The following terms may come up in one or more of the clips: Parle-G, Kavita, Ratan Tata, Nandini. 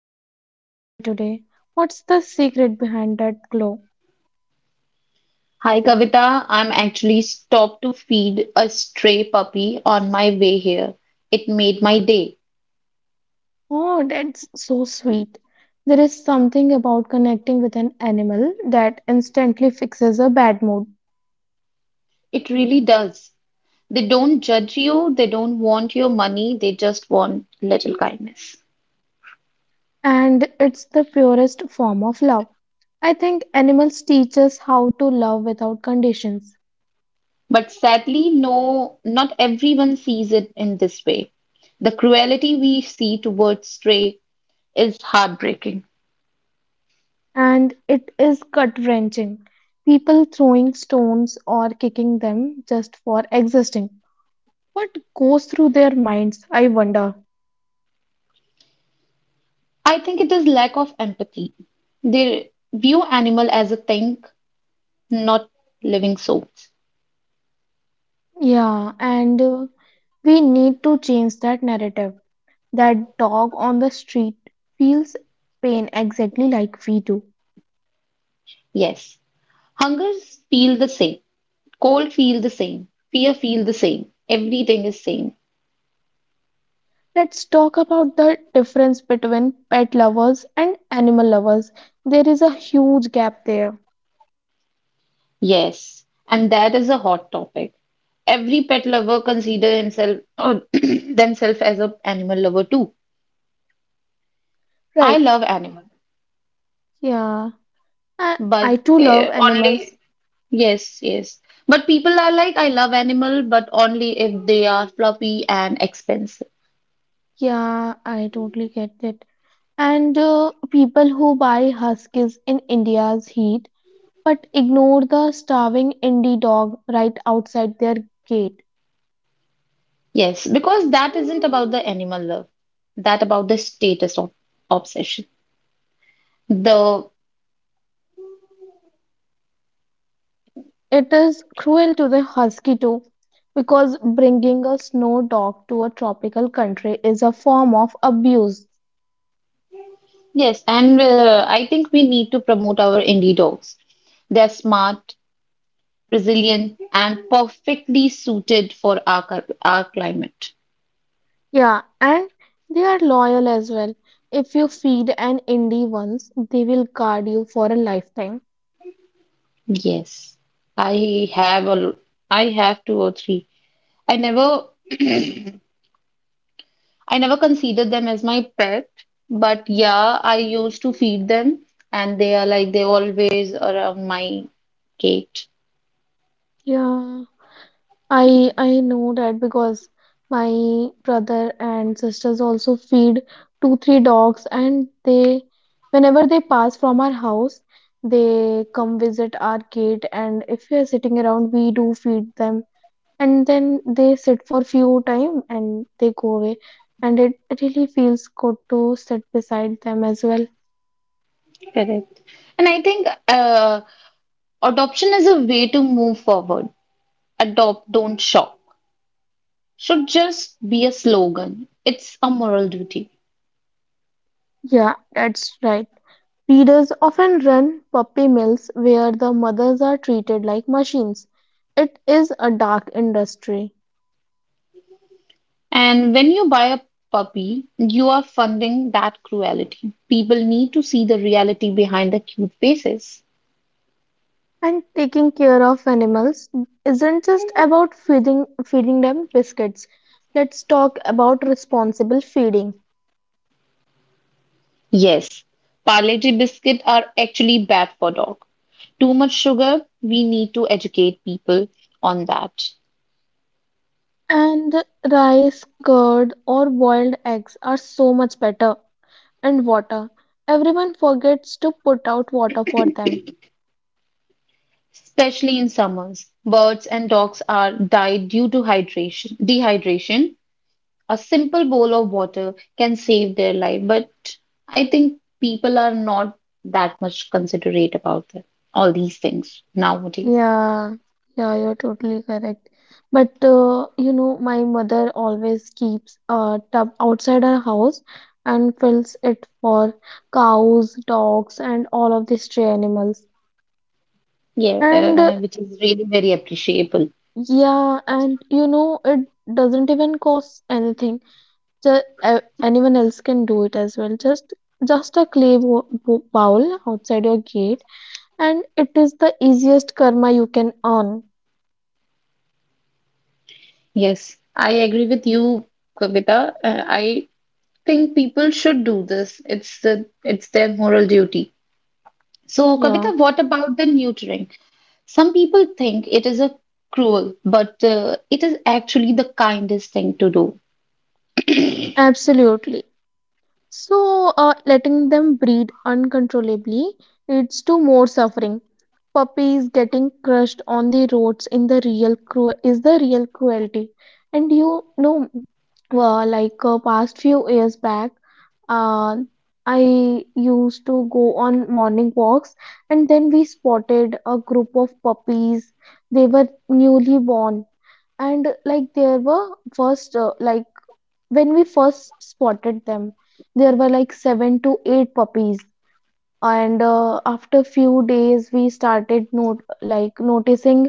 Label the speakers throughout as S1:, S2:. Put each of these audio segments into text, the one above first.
S1: incredibly happy today. What's the secret behind that glow?
S2: Hi Kavita, I'm actually stopped to feed a stray puppy on my way here. It made my day.
S1: Oh, that's so sweet. There is something about connecting with an animal that instantly fixes a bad mood,
S2: It really does. They don't judge you, they don't want your money, they just want little kindness.
S1: and it's the purest form of love. I think animals teach us how to love without conditions,
S2: But sadly, no, not everyone sees it in this way. The cruelty we see towards stray is heartbreaking.
S1: and it is gut-wrenching. People throwing stones or kicking them just for existing. What goes through their minds, I wonder?
S2: I think it is lack of empathy. They view animal as a thing, not living souls.
S1: Yeah, and we need to change that narrative. That dog on the street feels pain exactly like we do.
S2: Yes, hungers feel the same. Cold feel the same. Fear feel the same. Everything is same.
S1: Let's talk about the difference between pet lovers and animal lovers. There is a huge gap there.
S2: Yes. And that is a hot topic. Every pet lover consider himself or themselves as a animal lover too. I
S1: Right.
S2: love animal,
S1: Yeah. I
S2: but
S1: too love animals.
S2: only yes, yes. But people are like, I love animal, but only if they are fluffy and expensive.
S1: Yeah, I totally get it. And people who buy huskies in India's heat but ignore the starving indie dog right outside their gate.
S2: Yes, because that isn't about the animal love. That about the status of obsession. The
S1: It is cruel to the husky too, because bringing a snow dog to a tropical country is a form of abuse.
S2: Yes, and I think we need to promote our indie dogs. They're smart, resilient, and perfectly suited for our climate.
S1: Yeah, and they are loyal as well. If you feed an indie once, they will guard you for a lifetime.
S2: Yes, I have a l- I have two or three. I never I never considered them as my pet, but yeah, I used to feed them, and they are like they always around my gate.
S1: Yeah. I know that because my brother and sisters also feed two, three dogs, and they, whenever they pass from our house, they come visit our gate, and if we are sitting around, we do feed them, and then they sit for few time and they go away, and it really feels good to sit beside them as well.
S2: Correct. And I think adoption is a way to move forward. Adopt, don't shop. Should just be a slogan. It's a moral duty.
S1: Yeah, that's right. Breeders often run puppy mills where the mothers are treated like machines. It is a dark industry.
S2: And when you buy a puppy, you are funding that cruelty. People need to see the reality behind the cute faces.
S1: And taking care of animals isn't just about feeding them biscuits. Let's talk about responsible feeding.
S2: Yes, Parle-G biscuits are actually bad for dog. Too much sugar, we need to educate people on that.
S1: And rice, curd, or boiled eggs are so much better. And water. Everyone forgets to put out water for them.
S2: Especially in summers, birds and dogs are died due to hydration, dehydration. A simple bowl of water can save their life, but I think people are not that much considerate about that, all these things nowadays.
S1: Yeah, yeah, you're totally correct. But you know, my mother always keeps a tub outside her house and fills it for cows, dogs, and all of the stray animals.
S2: Yeah,
S1: And
S2: which is really very appreciable.
S1: yeah, and you know, it doesn't even cost anything. Just anyone else can do it as well. Just a clay bowl outside your gate, and it is the easiest karma you can earn.
S2: Yes, I agree with you, Kavita. I think people should do this. It's their moral duty. So,
S1: Yeah,
S2: Kavita, what about the neutering? Some people think it is a cruel, but it is actually the kindest thing to do.
S1: absolutely. So, letting them breed uncontrollably leads to more suffering. Puppies getting crushed on the roads in the is the real cruelty. And you know, past few years back, uh, I used to go on morning walks, and then we spotted a group of puppies. They were newly born, and like there were first when we first spotted them there were like 7 to 8 puppies and after few days we started not like noticing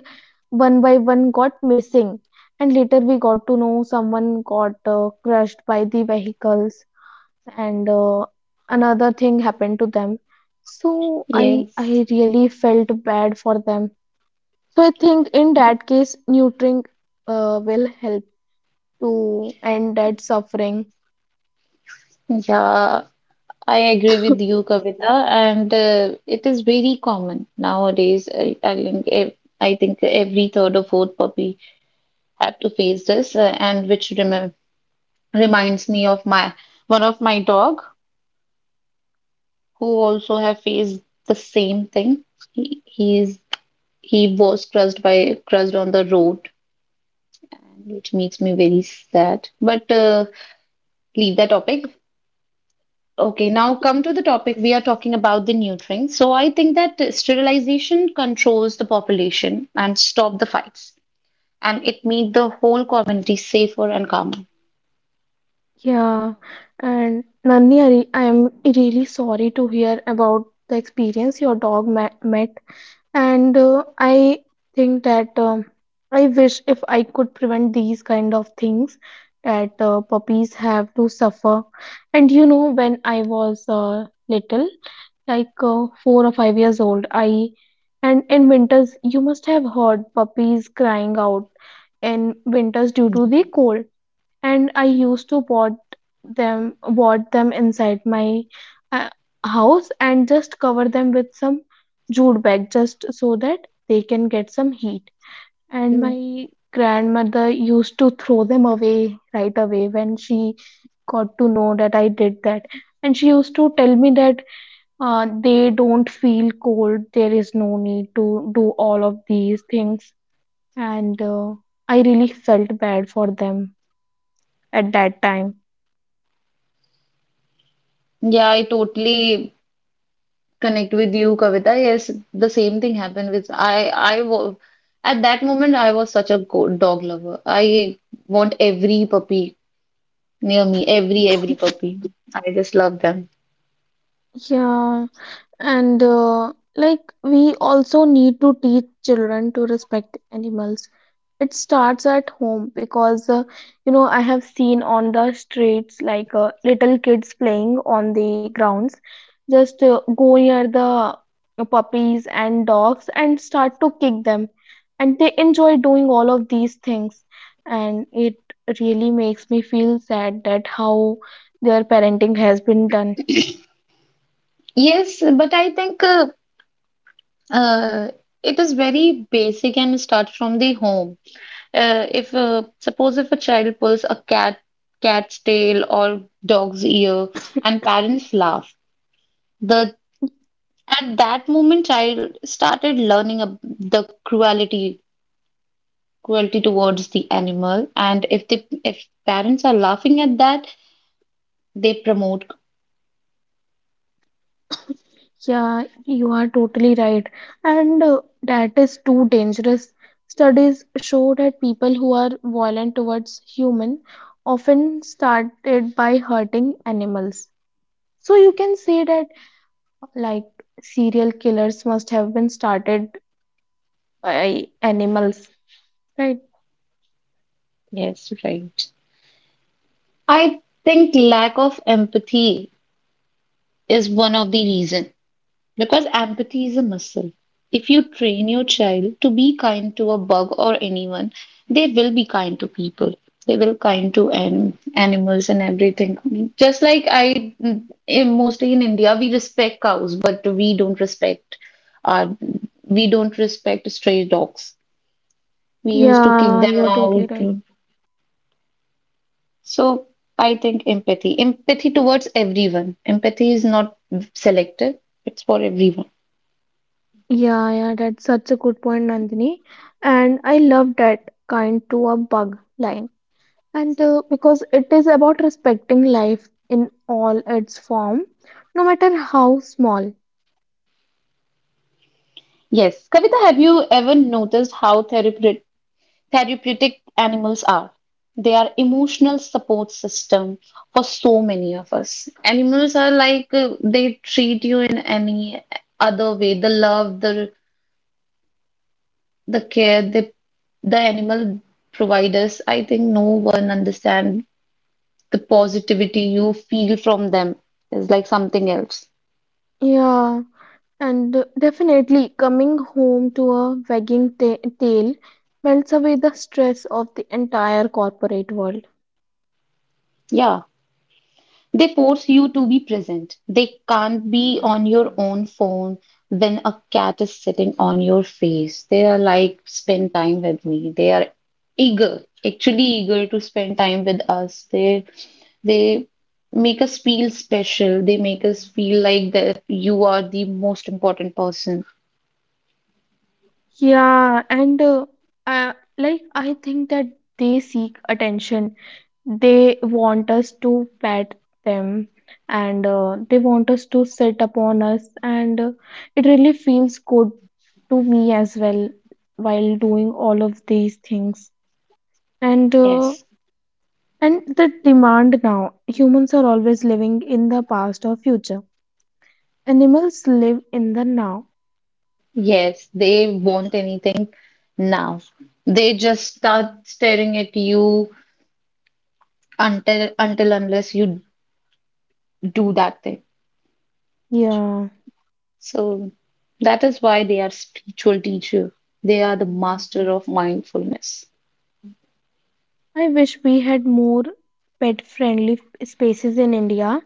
S1: one by one got missing and later we got to know someone got crushed by the vehicles and another thing happened to them so i
S2: Yes.
S1: I really felt bad for them so I think in that case neutering will help to end that suffering.
S2: Yeah, I agree with you, Kavita, and it is very common nowadays. I think I think every third or fourth puppy have to face this, and which reminds me of my one of my dog who also have faced the same thing. He he's he was crushed on the road, which makes me very sad. But leave that topic. Okay, now come to the topic we are talking about the neutering. So I think that sterilization controls the population and stop the fights, and it make the whole community safer and calmer.
S1: Yeah, and Nani, I am really sorry to hear about the experience your dog ma met, and I think that I wish if I could prevent these kind of things that puppies have to suffer. And you know, when I was little, 4 or 5 years old, I and in winters you must have heard puppies crying out in winters due to the cold and I used to pot them inside my uh, house and just cover them with some jute bag just so that they can get some heat. And
S2: Mm.
S1: my grandmother used to throw them away right away when she got to know that I did that. And she used to tell me that they don't feel cold. There is no need to do all of these things. And I really felt bad for them at that time.
S2: Yeah, I totally connect with you, Kavita. Yes, the same thing happened with I. I was At that moment I was such a go dog lover. I want every puppy near me, every puppy. I just love them.
S1: Yeah, and we also need to teach children to respect animals. It starts at home because you know I have seen on the streets like little kids playing on the grounds, just go near the puppies and dogs and start to kick them, and they enjoy doing all of these things, and it really makes me feel sad that how their parenting has been done.
S2: Yes, but I think Uh, it is very basic and starts from the home. If suppose if a child pulls a cat's tail or dog's ear and parents laugh, the at that moment child started learning the cruelty towards the animal, and if parents are laughing at that, they promote.
S1: Yeah, you are totally right. And that is too dangerous. Studies show that people who are violent towards human often started by hurting animals. So you can say that like serial killers must have been started by animals, right?
S2: Yes, right. I think lack of empathy is one of the reason. Because empathy is a muscle. If you train your child to be kind to a bug or anyone, they will be kind to people. They will kind to an animals and everything. Just like I, mostly in India, we respect cows, but our, we don't respect stray dogs. We used to kick
S1: Yeah,
S2: them
S1: you are totally
S2: out.
S1: right.
S2: So I think empathy towards everyone. Empathy is not selective; it's for everyone.
S1: Yeah, yeah, that's such a good point, Nandini. And I love that kind to a bug line. And because it is about respecting life in all its form, no matter how small.
S2: Yes. Kavita, have you ever noticed how therapeutic animals are? They are emotional support system for so many of us. Animals are like they treat you in any other way. The care the animal provide us. I think no one understand the positivity you feel from them is like something else.
S1: Yeah, and definitely coming home to a wagging ta tail melts away the stress of the entire corporate world.
S2: Yeah. They force you to be present. They can't be on your own phone when a cat is sitting on your face. They are like, spend time with me. They are eager, actually eager to spend time with us. They make us feel special. They make us feel like that you are the most important person.
S1: Yeah, and uh, like I think that they seek attention. They want us to pet them and they want us to sit upon us, and it really feels good to me as well while doing all of these things. And uh,
S2: Yes.
S1: and the demand now, humans are always living in the past or future. Animals live in the now.
S2: Yes, they want anything now. They just start staring at you until unless you do that thing.
S1: Yeah.
S2: So that is why they are spiritual teacher. They are the master of mindfulness.
S1: I wish we had more pet friendly spaces in India,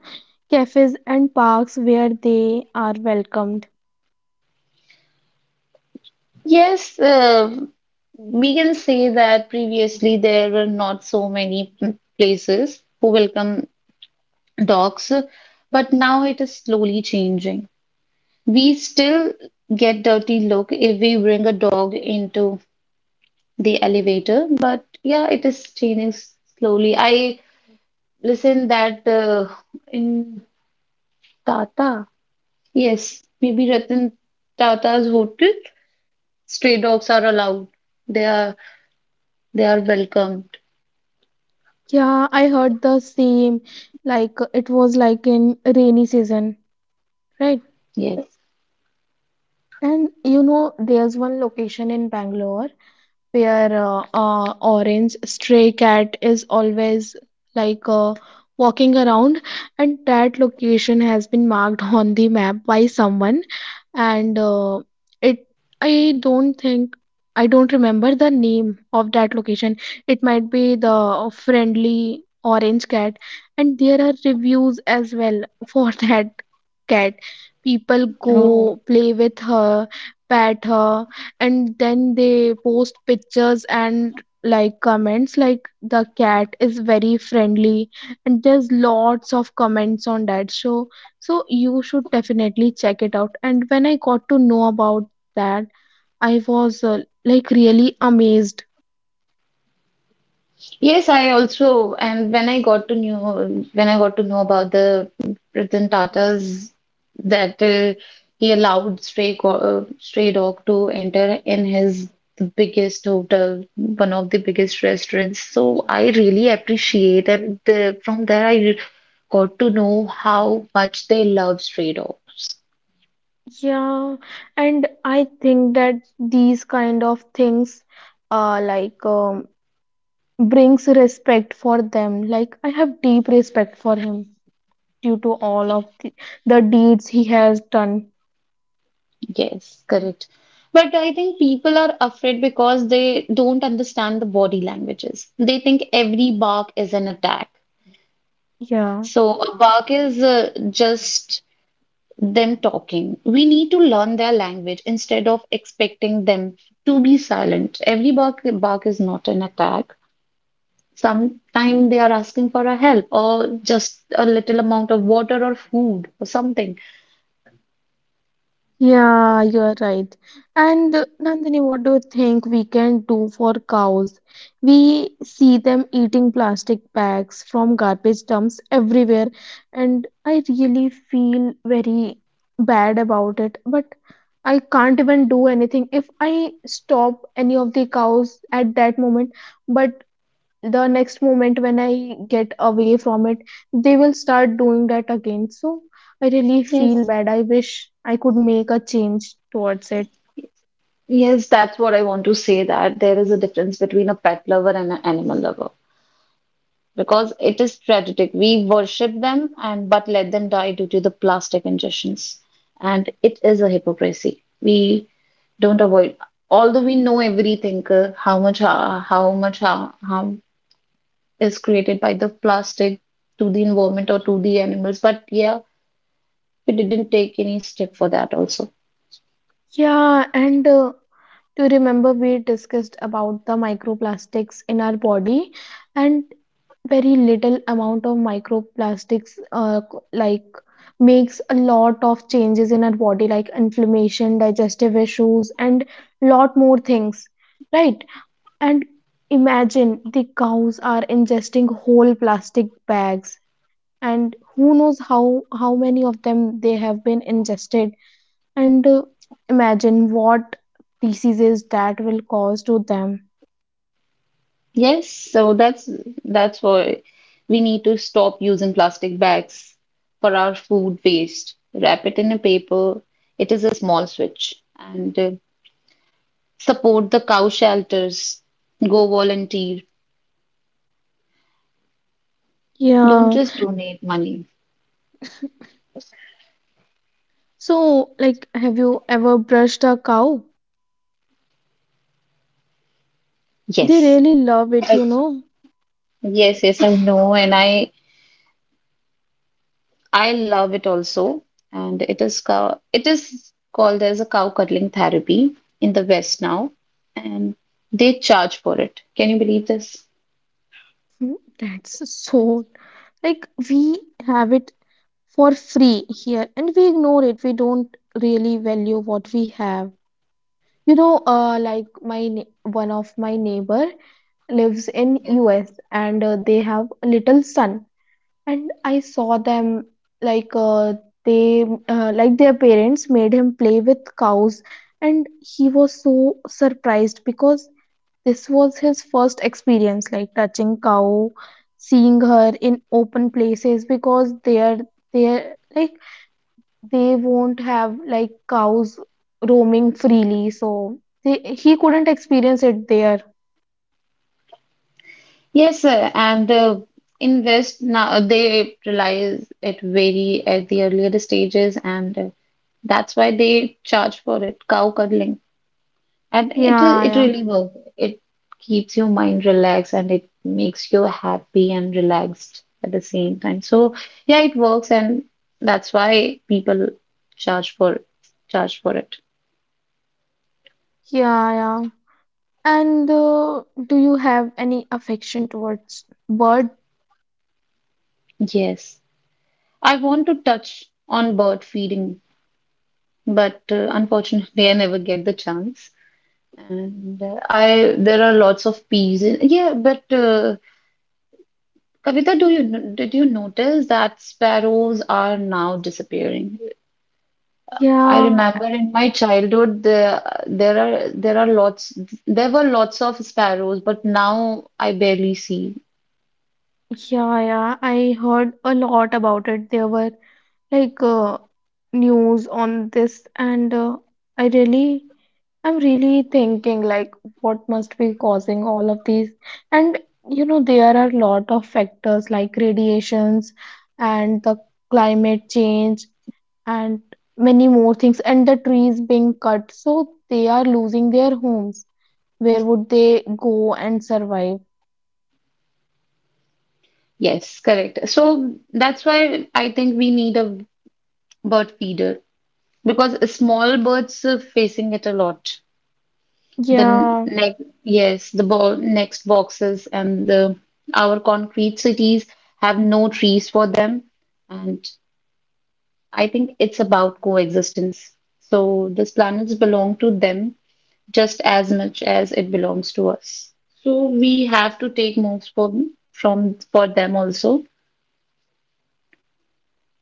S1: cafes and parks where they are welcomed.
S2: Yes, we can say that previously there were not so many places who welcome dogs, but now it is slowly changing. We still get dirty look if we bring a dog into the elevator, but yeah, it is changing slowly. I listened that in Tata yes, maybe Ratan Tata's hotel. Stray dogs are allowed. They are they are welcomed.
S1: Yeah, I heard the same, like it was like in rainy season, right?
S2: Yes.
S1: And you know, there's one location in Bangalore where orange stray cat is always like uh, walking around and that location has been marked on the map by someone and it i don't think I don't remember the name of that location. It might be the friendly orange cat, and there are reviews as well for that cat. People
S2: Oh.
S1: go play with her, pet her, and then they post pictures and like comments like the cat is very friendly, and there's lots of comments on that show. So you should definitely check it out, and when I got to know about that I was really amazed.
S2: Yes, I also and when I got to know when I got to know about the Ratan Tata's, that he allowed stray dog to enter in his biggest hotel, one of the biggest restaurants. So I really appreciate and from there I got to know how much they love stray dogs.
S1: Yeah, and I think that these kind of things uh like um, brings respect for them, like I have deep respect for him due to all of the deeds he has done.
S2: Yes, correct. But I think people are afraid because they don't understand the body languages. They think every bark is an attack.
S1: Yeah.
S2: So a bark is just them talking. We need to learn their language instead of expecting them to be silent. Bark is not an attack. Sometimes they are asking for a help or just a little amount of water or food or something.
S1: Yeah, you're right. And Nandini, what do you think we can do for cows? We see them eating plastic bags from garbage dumps everywhere, and I really feel very bad about it. But I can't even do anything if I stop any of the cows at that moment. But the next moment when I get away from it, they will start doing that again. So I really feel
S2: Yes.
S1: bad. I wish I could make a change towards it.
S2: Yes, that's what I want to say that there is a difference between a pet lover and an animal lover because it is tragic. We worship them and but let them die due to the plastic ingestions. And it is a hypocrisy. We don't avoid, although we know everything, how much harm is created by the plastic to the environment or to the animals, but yeah, we didn't take any step for that also.
S1: Yeah, and do you remember we discussed about the microplastics in our body, and very little amount of microplastics makes a lot of changes in our body like inflammation, digestive issues and lot more things, right? And imagine the cows are ingesting whole plastic bags, and who knows how many of them they have been ingested. And imagine what diseases that will cause to them.
S2: Yes, so that's why we need to stop using plastic bags for our food waste. Wrap it in a paper. It is a small switch. And support the cow shelters. Go volunteer. Don't
S1: Yeah.
S2: just donate money.
S1: So, like, have you ever brushed a cow? They
S2: Yes.
S1: really love it,
S2: I,
S1: you know.
S2: yes, yes, I know, and I love it also. And it is called as a cow cuddling therapy in the West now, and they charge for it. Can you believe this?
S1: Hmm. That's so, like we have it for free here and we ignore it. We don't really value what we have. You know, my one of my neighbor lives in US and they have a little son. And I saw them like they like their parents made him play with cows, and he was so surprised because this was his first experience, like touching cow, seeing her in open places because they are like they won't have like cows roaming freely, so he couldn't experience it there.
S2: Yes, sir. And the in West now they realize it very at the earlier stages, and that's why they charge for it, cow cuddling, and
S1: Yeah,
S2: it
S1: yeah.
S2: really works. It keeps your mind relaxed and it makes you happy and relaxed at the same time. So yeah, it works, and that's why people charge for charge for it.
S1: Yeah, yeah, and do you have any affection towards bird?
S2: Yes, I want to touch on bird feeding, but unfortunately, I never get the chance. And there are lots of peas in, yeah, but Kavita, do you, did you notice that sparrows are now disappearing? I
S1: Yeah,
S2: remember in my childhood, there are lots, there were lots of sparrows, but now I barely see.
S1: yeah, yeah, I heard a lot about it. There were like uh, news on this, and i really I'm really thinking like what must be causing all of these. And you know there are a lot of factors like radiations and the climate change and many more things, and the trees being cut so they are losing their homes. Where would they go and survive?
S2: Yes, correct. So that's why I think we need a bird feeder because small birds are facing it a lot. The
S1: Yeah.
S2: next yes the next boxes and the our concrete cities have no trees for them, and I think it's about coexistence. So this planets belong to them just as much as it belongs to us, so we have to take moves for from for them also.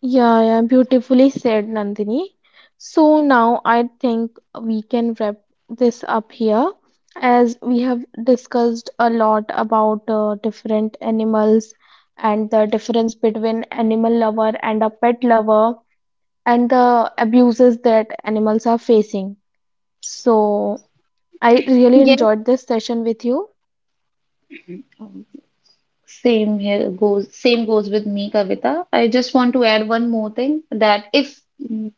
S1: Yeah, yeah, beautifully said, Nandini. So now I think we can wrap this up here as we have discussed a lot about different animals and the difference between animal lover and a pet lover and the abuses that animals are facing. So I really
S2: Yes.
S1: enjoyed this session with you.
S2: Same goes with me, Kavita. I just want to add one more thing that if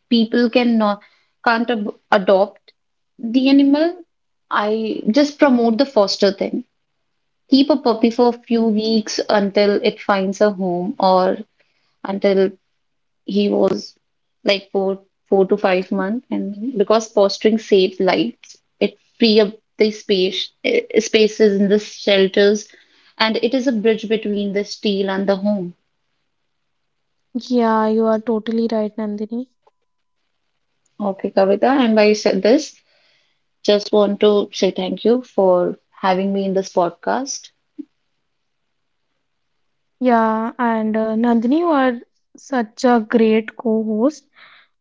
S2: people can't adopt the animal, I just promote the foster thing. Keep a puppy for a few weeks until it finds a home or until he was like 4 to 5 months, and because posturing saves lives, it free up the spaces in the shelters, and it is a bridge between the steel and the home.
S1: Yeah, you are totally right, Nandini.
S2: Okay, Kavita, and while you said this, just want to say thank you for having me in this podcast.
S1: Yeah, and Nandini, you are such a great co-host.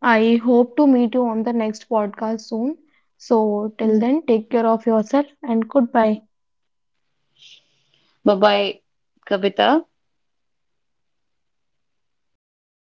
S1: I hope to meet you on the next podcast soon. So, till
S2: Bye
S1: then, take care of yourself and goodbye.
S2: Bye, Kavita.